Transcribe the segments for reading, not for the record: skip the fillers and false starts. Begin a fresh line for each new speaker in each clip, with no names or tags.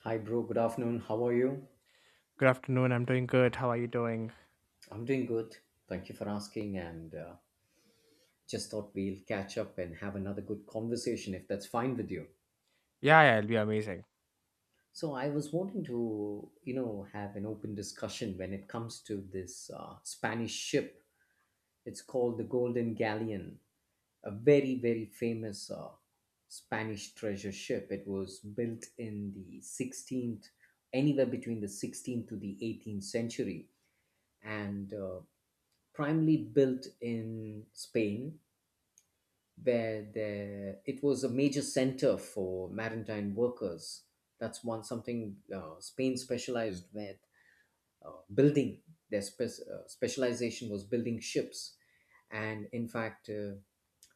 Hi, bro. Good afternoon. How are you?
Good afternoon. I'm doing good. How are you doing?
I'm doing good. Thank you for asking. And Just thought we'll catch up and have another good conversation if that's fine with you.
Yeah, yeah, it'll be amazing.
So, I was wanting to, you know, have an open discussion when it comes to this Spanish ship. It's called the Golden Galleon, a very, very famous Spanish treasure ship. It was built in the 16th, anywhere between the 16th to the 18th century. And Primarily built in Spain, where it was a major center for maritime workers. That's one something Spain specialized with building. Their specialization was building ships, and in fact,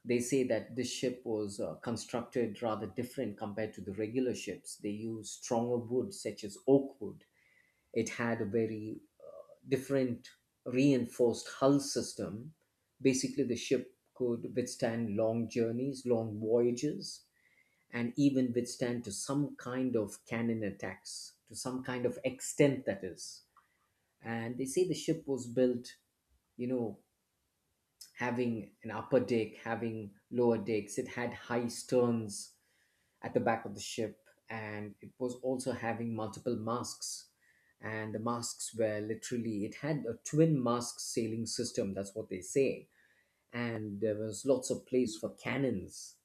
they say that this ship was constructed rather different compared to the regular ships. They used stronger wood, such as oak wood. It had a very different reinforced hull system. Basically, the ship could withstand long journeys, long voyages, and even withstand to some kind of cannon attacks, to some kind of extent that is. And they say the ship was built, you know, having an upper deck, having lower decks, it had high sterns, at the back of the ship, and it was also having multiple masks. And the masks were literally, it had a twin mask sailing system, that's what they say. And there was lots of place for cannons,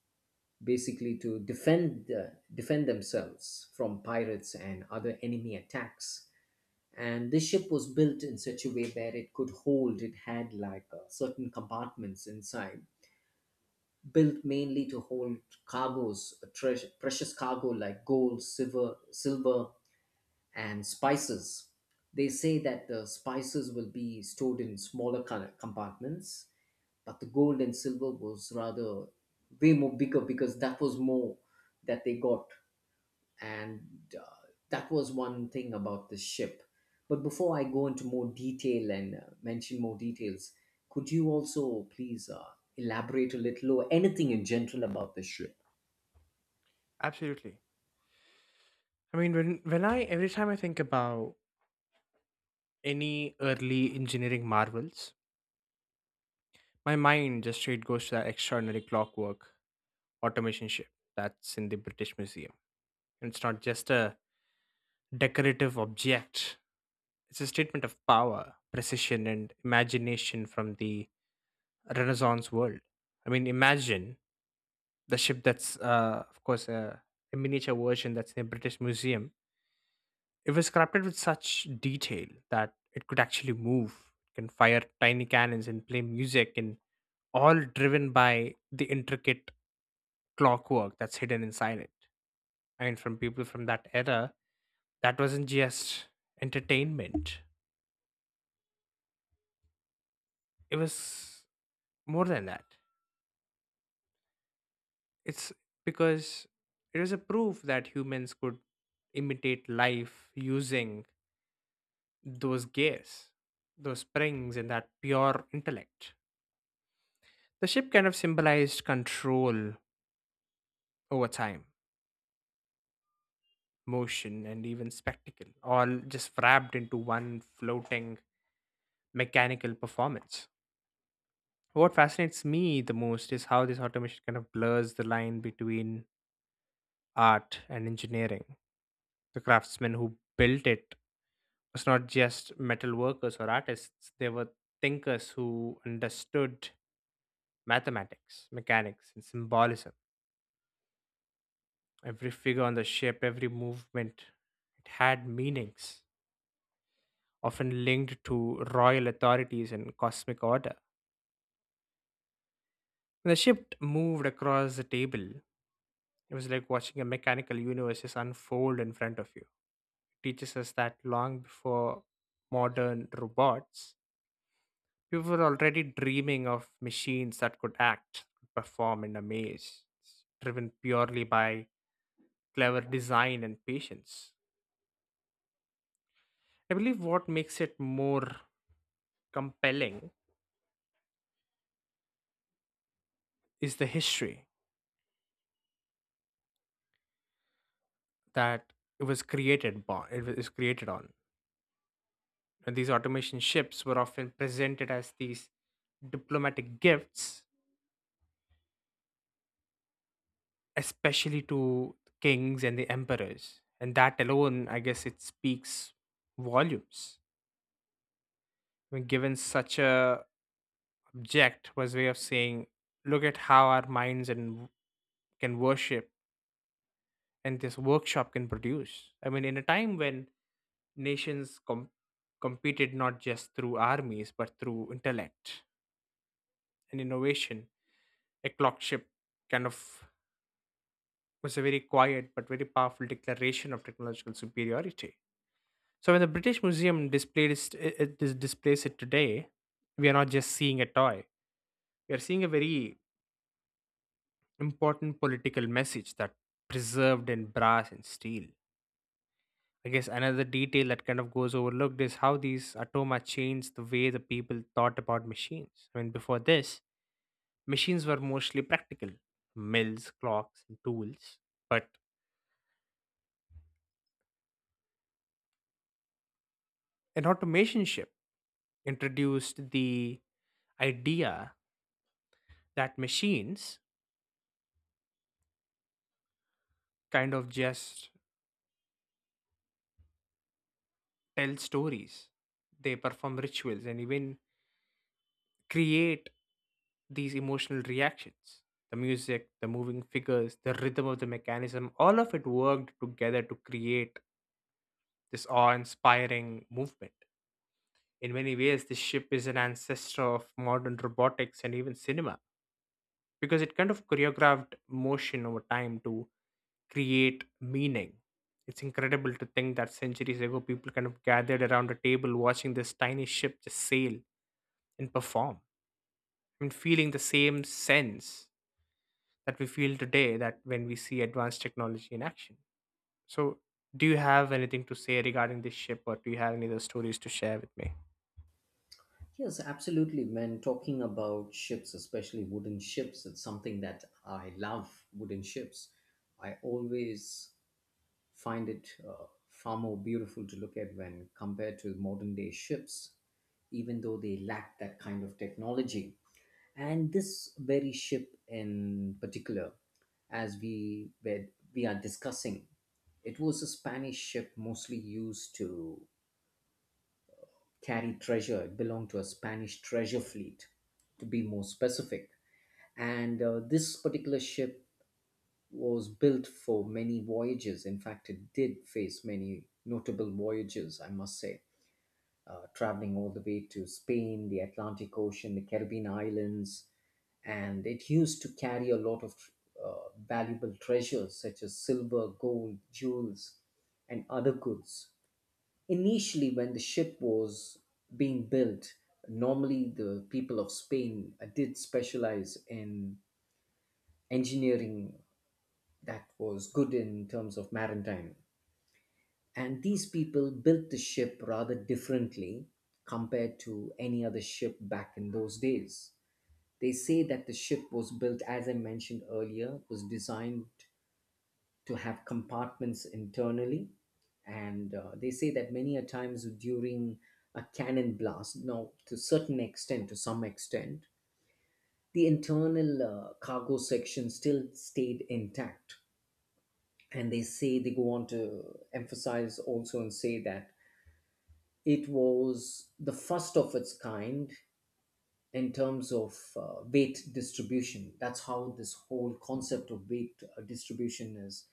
basically to defend, defend themselves from pirates and other enemy attacks. And this ship was built in such a way where it could hold, it had like certain compartments inside built mainly to hold cargoes, precious cargo like gold, silver, silver, and spices. They say that the spices will be stored in smaller compartments, but the gold and silver was rather way more bigger because that was more that they got and uh, that was one thing about the ship. But before I go into more detail and mention more details, could you also please elaborate a little or anything in general about the ship?
Absolutely. I mean, when I every time I think about any early engineering marvels, my mind just straight goes to that extraordinary clockwork automation ship that's in the British Museum. And it's not just a decorative object. It's a statement of power, precision, and imagination from the Renaissance world. I mean, imagine the ship that's, of course, a miniature version that's in the British Museum. It was crafted with such detail that it could actually move, can fire tiny cannons and play music, and all driven by the intricate clockwork that's hidden inside it. I mean, from people from that era, that wasn't just entertainment, it was more than that. It's because it was a proof that humans could imitate life using those gears, those springs, and that pure intellect. The ship kind of symbolized control over time, motion, and even spectacle, all just wrapped into one floating mechanical performance. What fascinates me the most is how this automation kind of blurs the line between art and engineering. The craftsmen who built it was not just metal workers or artists, they were thinkers who understood mathematics, mechanics, and symbolism. Every figure on the ship, every movement, it had meanings often linked to royal authorities and cosmic order. When the ship moved across the table, it was like watching a mechanical universe just unfold in front of you. It teaches us that long before modern robots, people were already dreaming of machines that could act, perform, and amaze, driven purely by clever design and patience. I believe what makes it more compelling is the history that it was created on. It was created on. And these automation ships were often presented as these diplomatic gifts, especially to kings and the emperors. And that alone, I guess, it speaks volumes. When given such a object was way of saying, look at how our minds and can worship and this workshop can produce. I mean, in a time when nations com- competed not just through armies but through intellect and innovation, a clock ship kind of was a very quiet but very powerful declaration of technological superiority. So when the British Museum displayed it, displays it today, we are not just seeing a toy. We are seeing a very important political message that preserved in brass and steel. I guess another detail that kind of goes overlooked is how these atoma changed the way the people thought about machines. I mean, before this, machines were mostly practical mills, clocks, and tools. But an automation ship introduced the idea that machines kind of just tell stories, they perform rituals, and even create these emotional reactions. The music, the moving figures, the rhythm of the mechanism, all of it worked together to create this awe inspiring movement. In many ways, this ship is an ancestor of modern robotics and even cinema because it kind of choreographed motion over time to create meaning. It's incredible to think that centuries ago, people kind of gathered around a table watching this tiny ship just sail and perform, and feeling the same sense that we feel today that when we see advanced technology in action. So, do you have anything to say regarding this ship, or do you have any other stories to share with me?
Yes, absolutely. When talking about ships, especially wooden ships, it's something that I love. Wooden ships, I always find it far more beautiful to look at when compared to modern day ships, even though they lack that kind of technology. And this very ship in particular, as we were, we are discussing, it was a Spanish ship mostly used to carry treasure. It belonged to a Spanish treasure fleet, to be more specific. And This particular ship was built for many voyages. In fact, it did face many notable voyages, I must say, traveling all the way to Spain, the Atlantic Ocean, the Caribbean islands, and it used to carry a lot of valuable treasures such as silver, gold, jewels, and other goods. Initially, when the ship was being built, normally the people of Spain did specialize in engineering that was good in terms of maritime. And these people built the ship rather differently compared to any other ship back in those days. They say that the ship was built, as I mentioned earlier, was designed to have compartments internally. And They say that many a times during a cannon blast, now to certain extent, to some extent, the internal cargo section still stayed intact. And they say they go on to emphasize also and say that it was the first of its kind in terms of weight distribution. That's how this whole concept of weight distribution is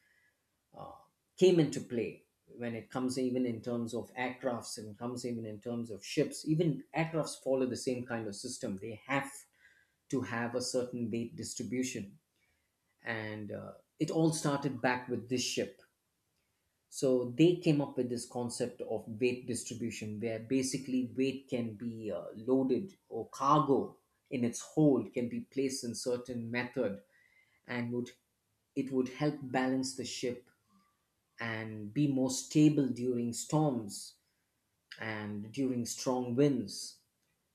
came into play when it comes even in terms of aircrafts and comes even in terms of ships. Even aircrafts follow the same kind of system. They have to have a certain weight distribution, and it all started back with this ship. So they came up with this concept of weight distribution, where basically weight can be loaded or cargo in its whole can be placed in certain method, and would it would help balance the ship and be more stable during storms and during strong winds.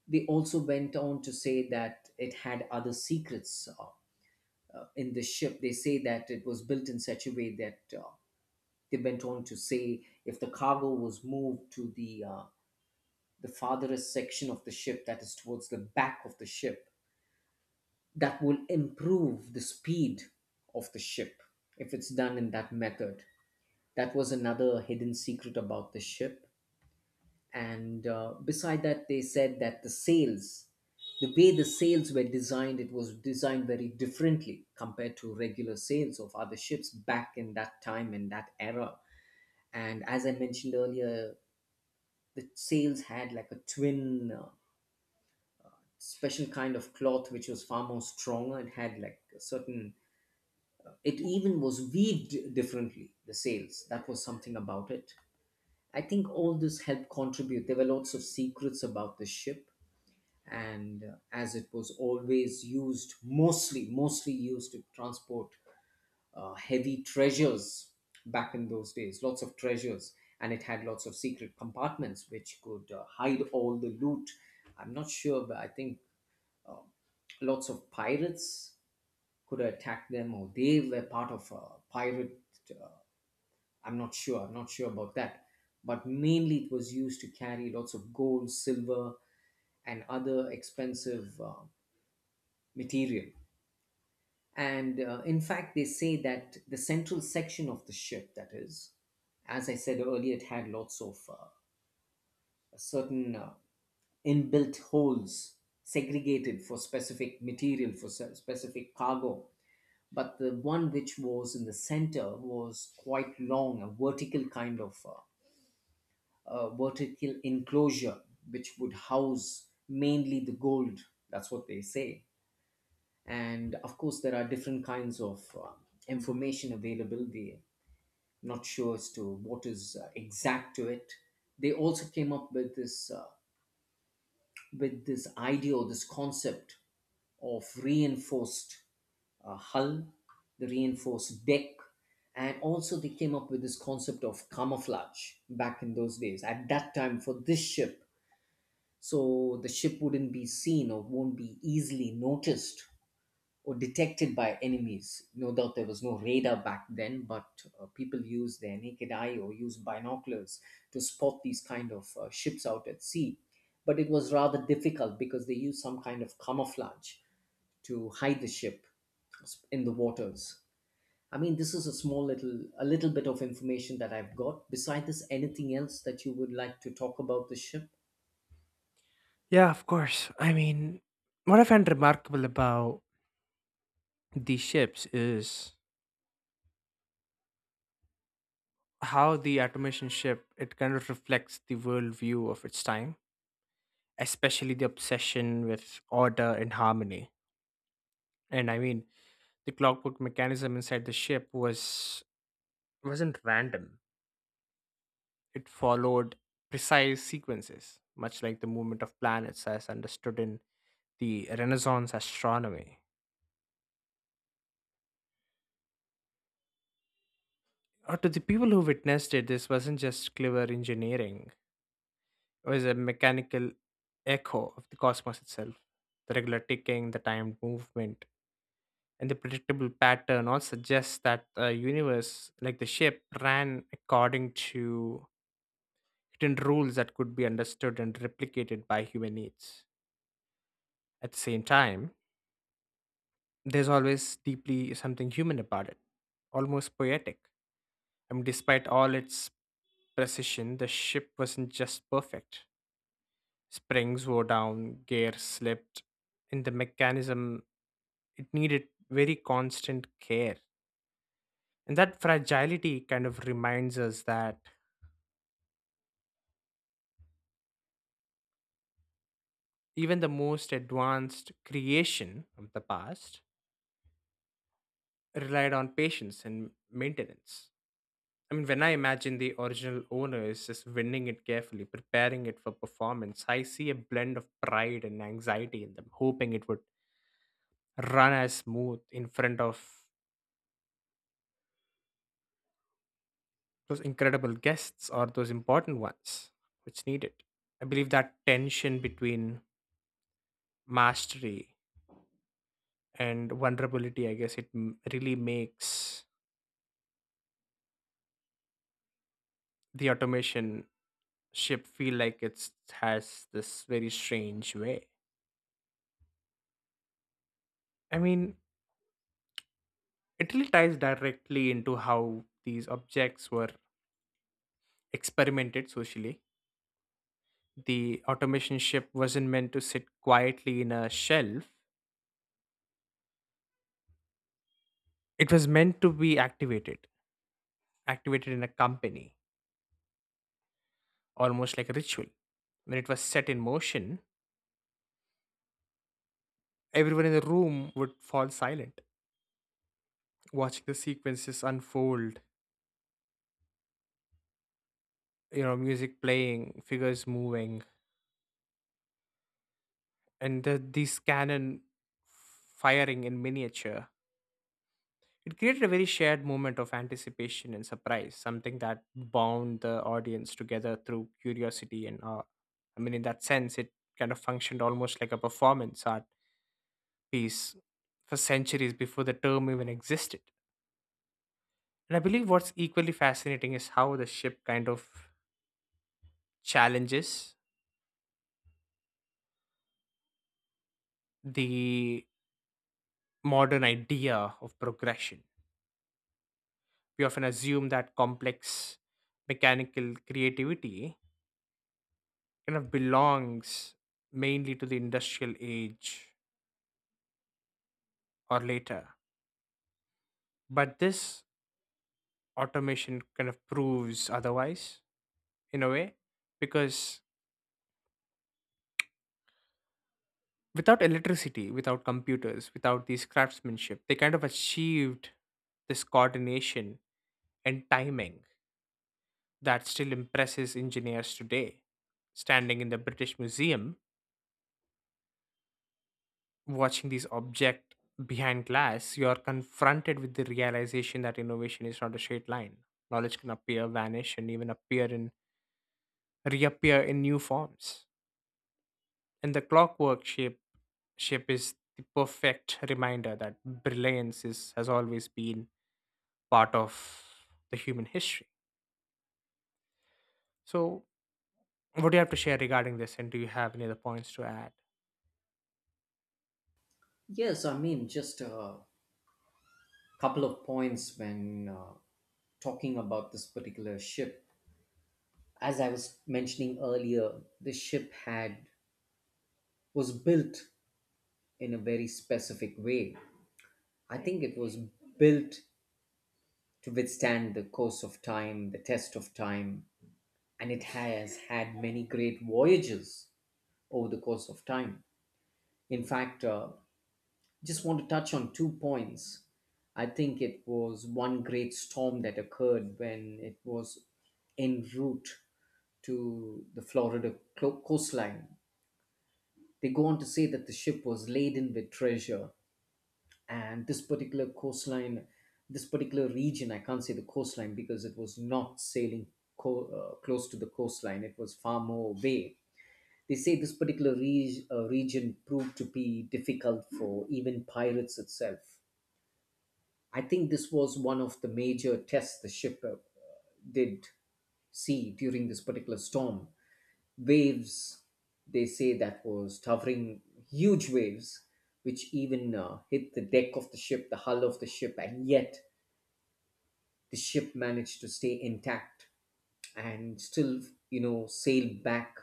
They also went on to say that it had other secrets in the ship. They say that it was built in such a way that they went on to say if the cargo was moved to the farthest section of the ship, that is towards the back of the ship, that will improve the speed of the ship if it's done in that method. That was another hidden secret about the ship. And Beside that, they said that the sails, the way the sails were designed, it was designed very differently compared to regular sails of other ships back in that time in that era. And as I mentioned earlier, the sails had like a twin special kind of cloth which was far more stronger. It had like a certain, it even was weaved differently, the sails, that was something about it. I think all this helped contribute. There were lots of secrets about the ship, and as it was always used mostly used to transport heavy treasures back in those days, lots of treasures, and it had lots of secret compartments which could hide all the loot. I'm not sure, but I think lots of pirates could attack them, or they were part of a pirate. Uh, I'm not sure. I'm not sure about that. But mainly, it was used to carry lots of gold, silver, and other expensive material. And In fact, they say that the central section of the ship, that is, as I said earlier, it had lots of certain inbuilt holes segregated for specific material, for specific cargo. But the one which was in the center was quite long, a vertical kind of vertical enclosure, which would house mainly the gold. That's what they say. And of course there are different kinds of information available. We're not sure as to what is exact to it. They also came up with this idea or this concept of reinforced hull, the reinforced deck, and also they came up with this concept of camouflage back in those days at that time for this ship, so the ship wouldn't be seen or won't be easily noticed or detected by enemies. No doubt there was no radar back then, but people used their naked eye or used binoculars to spot these kind of ships out at sea. But it was rather difficult because they used some kind of camouflage to hide the ship in the waters. I mean, this is a small little, a little bit of information that I've got. Beside this, anything else that you would like to talk about the ship?
Yeah, of course. I mean, what I find remarkable about these ships is how the automation ship it kind of reflects the worldview of its time, especially the obsession with order and harmony. And I mean, the clockwork mechanism inside the ship was wasn't random. It followed precise sequences, much like the movement of planets as understood in the Renaissance astronomy. Or to the people who witnessed it, this wasn't just clever engineering. It was a mechanical echo of the cosmos itself. The regular ticking, the timed movement, and the predictable pattern all suggests that the universe, like the ship, ran according to hidden rules that could be understood and replicated by human needs. At the same time, there's always deeply something human about it, almost poetic. I mean, despite all its precision, the ship wasn't just perfect. Springs wore down, gears slipped, and the mechanism it needed very constant care. And that fragility kind of reminds us that even the most advanced creation of the past relied on patience and maintenance. I mean, when I imagine the original owners just winning it carefully, preparing it for performance, I see a blend of pride and anxiety in them, hoping it would run as smooth in front of those incredible guests or those important ones which need it. I believe that tension between mastery and vulnerability, I guess really makes the automation ship feel like it has this very strange way. I mean, it really ties directly into how these objects were experimented socially. The automation ship wasn't meant to sit quietly in a shelf, it was meant to be activated, activated in a company, almost like a ritual. When it was set in motion, everyone in the room would fall silent, watching the sequences unfold, you know, music playing, figures moving, and these cannon firing in miniature. It created a very shared moment of anticipation and surprise, something that bound the audience together through curiosity and awe. I mean, in that sense, it kind of functioned almost like a performance art piece for centuries before the term even existed. And I believe what's equally fascinating is how the ship kind of challenges the modern idea of progression. We often assume that complex mechanical creativity kind of belongs mainly to the industrial age or later. But this automation kind of proves otherwise in a way because without electricity, without computers, without these craftsmanship, they kind of achieved this coordination and timing that still impresses engineers today. Standing in the British Museum, watching this object behind glass, you are confronted with the realization that innovation is not a straight line. Knowledge can appear, vanish, and even appear in reappear in new forms. And the clockwork shape shape is the perfect reminder that brilliance is has always been part of the human history. So what do you have to share regarding this and do you have any other points to add?
Yes, I mean, just a couple of points when talking about this particular ship. As I was mentioning earlier, the ship had was built in a very specific way. I think it was built to withstand the course of time, the test of time, and it has had many great voyages over the course of time. In fact, just want to touch on two points. I think it was one great storm that occurred when it was en route to the Florida coastline. They go on to say that the ship was laden with treasure, and this particular coastline, this particular region, I can't say the coastline because it was not sailing close to the coastline, it was far more away. They say this particular region proved to be difficult for even pirates itself. I think this was one of the major tests the ship did see during this particular storm. Waves, they say that was towering, huge waves, which even hit the deck of the ship, the hull of the ship, and yet the ship managed to stay intact and still, you know, sail back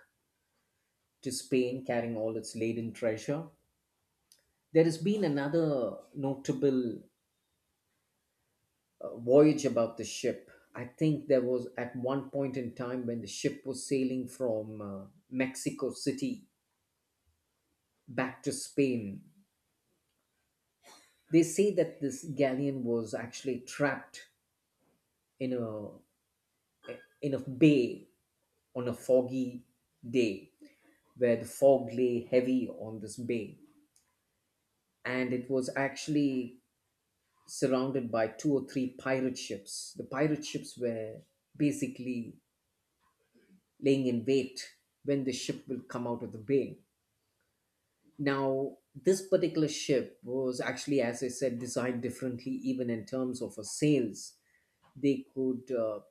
to Spain carrying all its laden treasure. There has been another notable voyage about the ship. I think there was at one point in time when the ship was sailing from Mexico City back to Spain. They say that this galleon was actually trapped in a in a bay on a foggy day where the fog lay heavy on this bay, and it was actually surrounded by two or three pirate ships. The pirate ships were basically laying in wait when the ship will come out of the bay. Now, this particular ship was actually, as I said, designed differently, even in terms of her sails. They could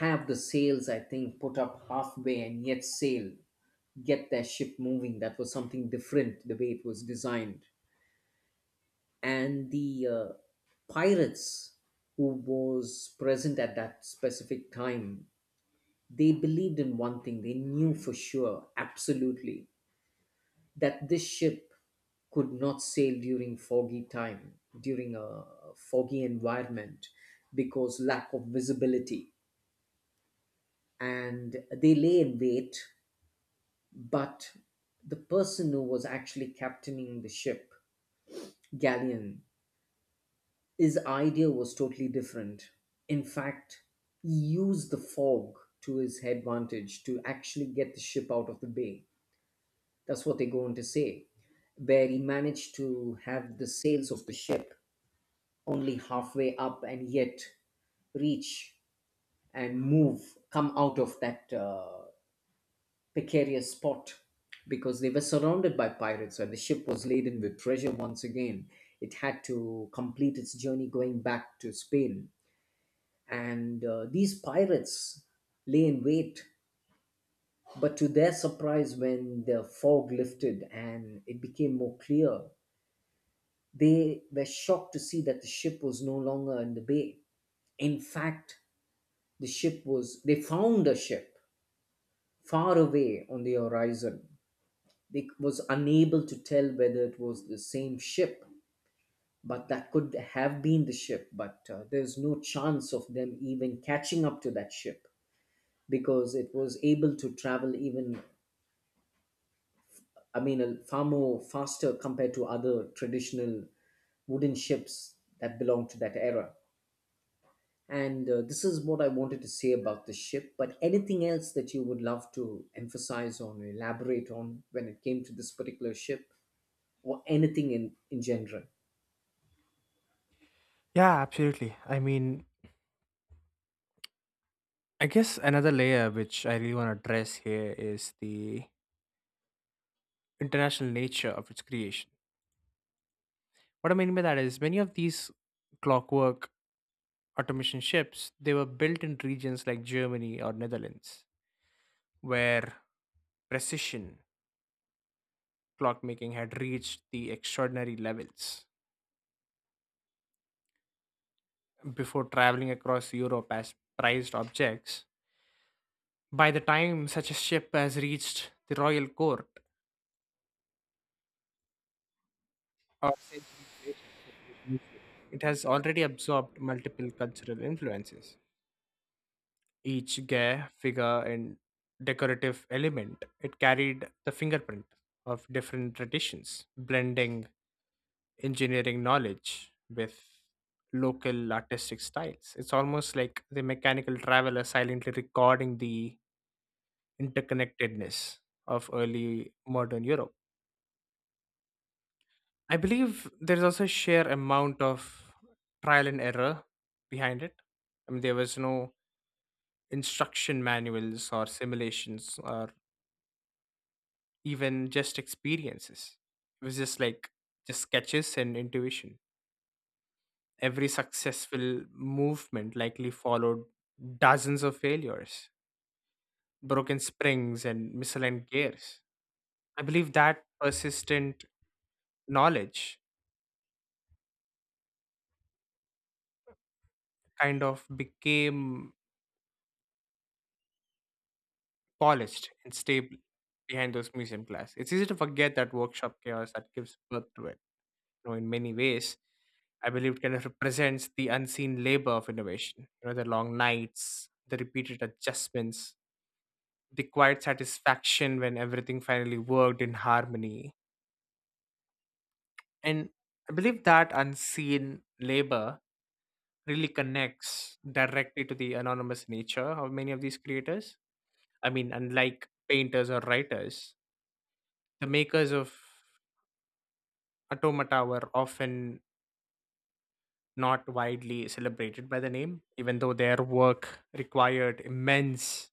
have the sails, I think, put up halfway and yet sail, get their ship moving. That was something different, the way it was designed. And the pirates who was present at that specific time, they believed in one thing, they knew for sure, absolutely, that this ship could not sail during foggy time, during a foggy environment, because lack of visibility, and they lay in wait. But the person who was actually captaining the ship, Galleon, his idea was totally different. In fact, he used the fog to his advantage to actually get the ship out of the bay. That's what they're going to say, where he managed to have the sails of the ship only halfway up and yet reach and move, come out of that precarious spot, because they were surrounded by pirates and the ship was laden with treasure once again. It had to complete its journey going back to Spain. And these pirates lay in wait. But to their surprise, when the fog lifted and it became more clear, they were shocked to see that the ship was no longer in the bay. In fact, the ship was, they found a ship far away on the horizon. They was unable to tell whether it was the same ship, but that could have been the ship. But there's no chance of them even catching up to that ship because it was able to travel even, I mean, a far more faster compared to other traditional wooden ships that belong to that era. And this is what I wanted to say about the ship. But anything else that you would love to emphasize on, elaborate on, when it came to this particular ship or anything in general?
Yeah, absolutely. I mean, I guess another layer which I really want to address here is the international nature of its creation. What I mean by that is many of these clockwork automation ships, they were built in regions like Germany or Netherlands, where precision clockmaking had reached the extraordinary levels. Before traveling across Europe as prized objects, by the time such a ship has reached the royal court or it has already absorbed multiple cultural influences. Each gay figure and decorative element. It carried the fingerprint of different traditions, blending engineering knowledge with local artistic styles. It's almost like the mechanical traveler silently recording the interconnectedness of early modern Europe. I believe there's also a sheer amount of trial and error behind it. I mean, there was no instruction manuals or simulations or even just experiences. It was just like just sketches and intuition. Every successful movement likely followed dozens of failures, broken springs, and misaligned gears. I believe that persistent knowledge kind of became polished and stable behind those museum glass. It's easy to forget that workshop chaos that gives birth to it. You know, in many ways. I believe it kind of represents the unseen labor of innovation. You know, the long nights, the repeated adjustments, the quiet satisfaction when everything finally worked in harmony. And I believe that unseen labor really connects directly to the anonymous nature of many of these creators. I mean, unlike painters or writers, the makers of automata were often not widely celebrated by the name, even though their work required immense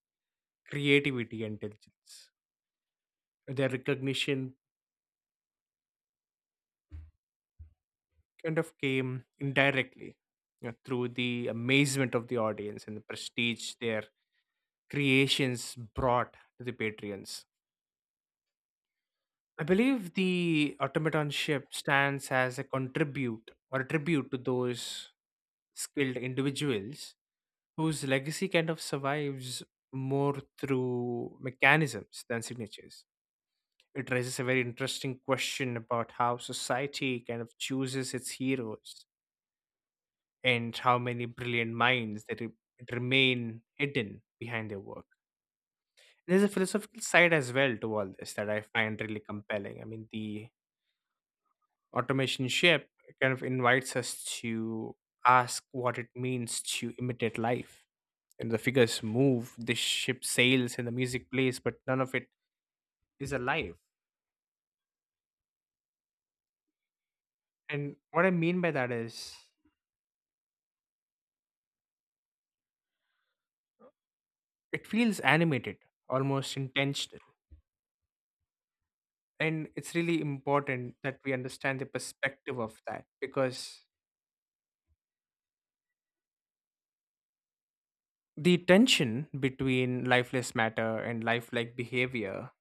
creativity and diligence. Their recognition kind of came indirectly, you know, through the amazement of the audience and the prestige their creations brought to the patrons. I believe the automaton ship stands as a contribute or a tribute to those skilled individuals whose legacy kind of survives more through mechanisms than signatures. It raises a very interesting question about how society kind of chooses its heroes and how many brilliant minds that remain hidden behind their work. There's a philosophical side as well to all this that I find really compelling. I mean, the automation ship kind of invites us to ask what it means to imitate life and the figures move, the ship sails, and the music plays, but none of it is alive. And what I mean by that is it feels animated, almost intentional. And it's really important that we understand the perspective of that because the tension between lifeless matter and lifelike behavior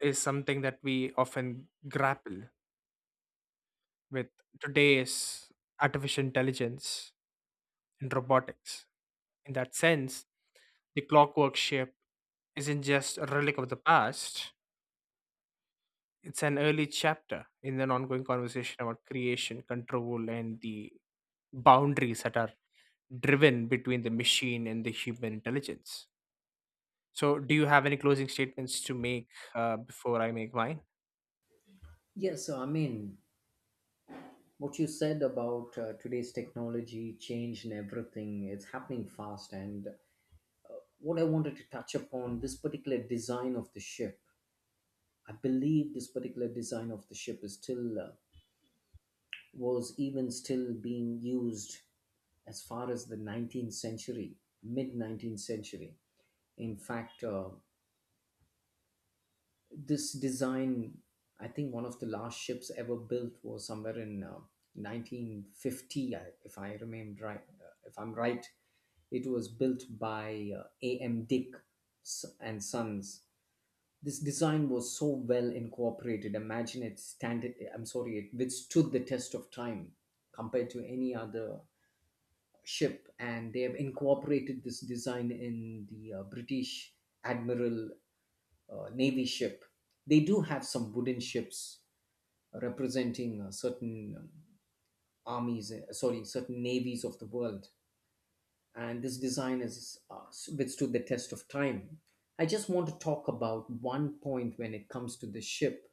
is something that we often grapple with today's artificial intelligence and robotics. In that sense, the clockwork ship isn't just a relic of the past, it's an early chapter in an ongoing conversation about creation, control, and the boundaries that are driven between the machine and the human intelligence. So, do you have any closing statements to make before I make mine?
Yes, so I mean, what you said about today's technology change and everything, it's happening fast. And what I wanted to touch upon this particular design of the ship, I believe this particular design of the ship is still, was even still being used as far as the 19th century, mid 19th century. In fact, this design, I think one of the last ships ever built was somewhere in 1950, if I remember right, if I'm right, it was built by Am Dick and Sons. This design was so well incorporated, imagine, it standard, I'm sorry, it withstood the test of time compared to any other ship. And they have incorporated this design in the British admiral navy ship. They do have some wooden ships representing certain armies, sorry, certain navies of the world. And this design has withstood the test of time. I just want to talk about one point when it comes to the ship.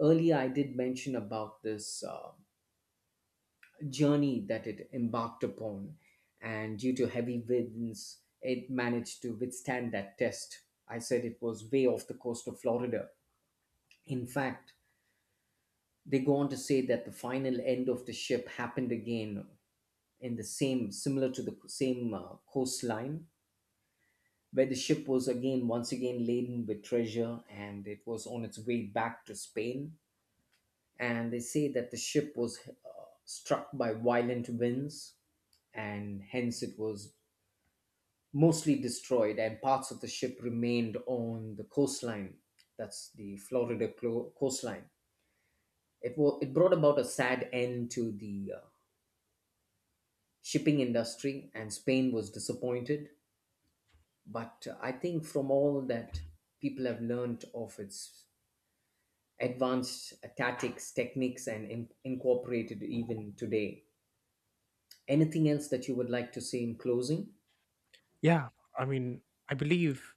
Earlier, I did mention about this journey that it embarked upon, and due to heavy winds, it managed to withstand that test. I said it was way off the coast of Florida. In fact, they go on to say that the final end of the ship happened again in the same, similar to the same coastline, where the ship was again, once again laden with treasure and it was on its way back to Spain. And they say that the ship was struck by violent winds, and hence it was mostly destroyed and parts of the ship remained on the coastline. That's the Florida coastline. It brought about a sad end to the shipping industry, and Spain was disappointed. But I think from all that, people have learned of its advanced tactics, techniques, and incorporated even today. Anything else that you would like to say in closing?
Yeah, I mean, I believe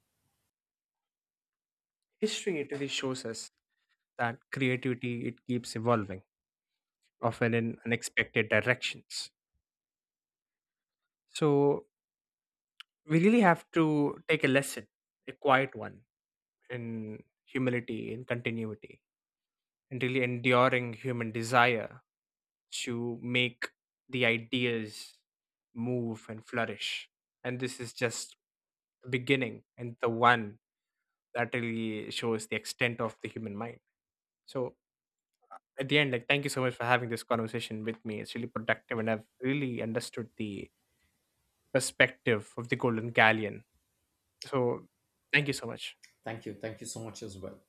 history it really shows us that creativity it keeps evolving, often in unexpected directions. So, we really have to take a lesson, a quiet one, in humility, in continuity, and really enduring human desire to make the ideas move and flourish. And this is just the beginning and the one that really shows the extent of the human mind. So at the end, like thank you so much for having this conversation with me. It's really productive and I've really understood the perspective of the Golden Galleon. So thank you so much.
Thank you, thank you so much as well.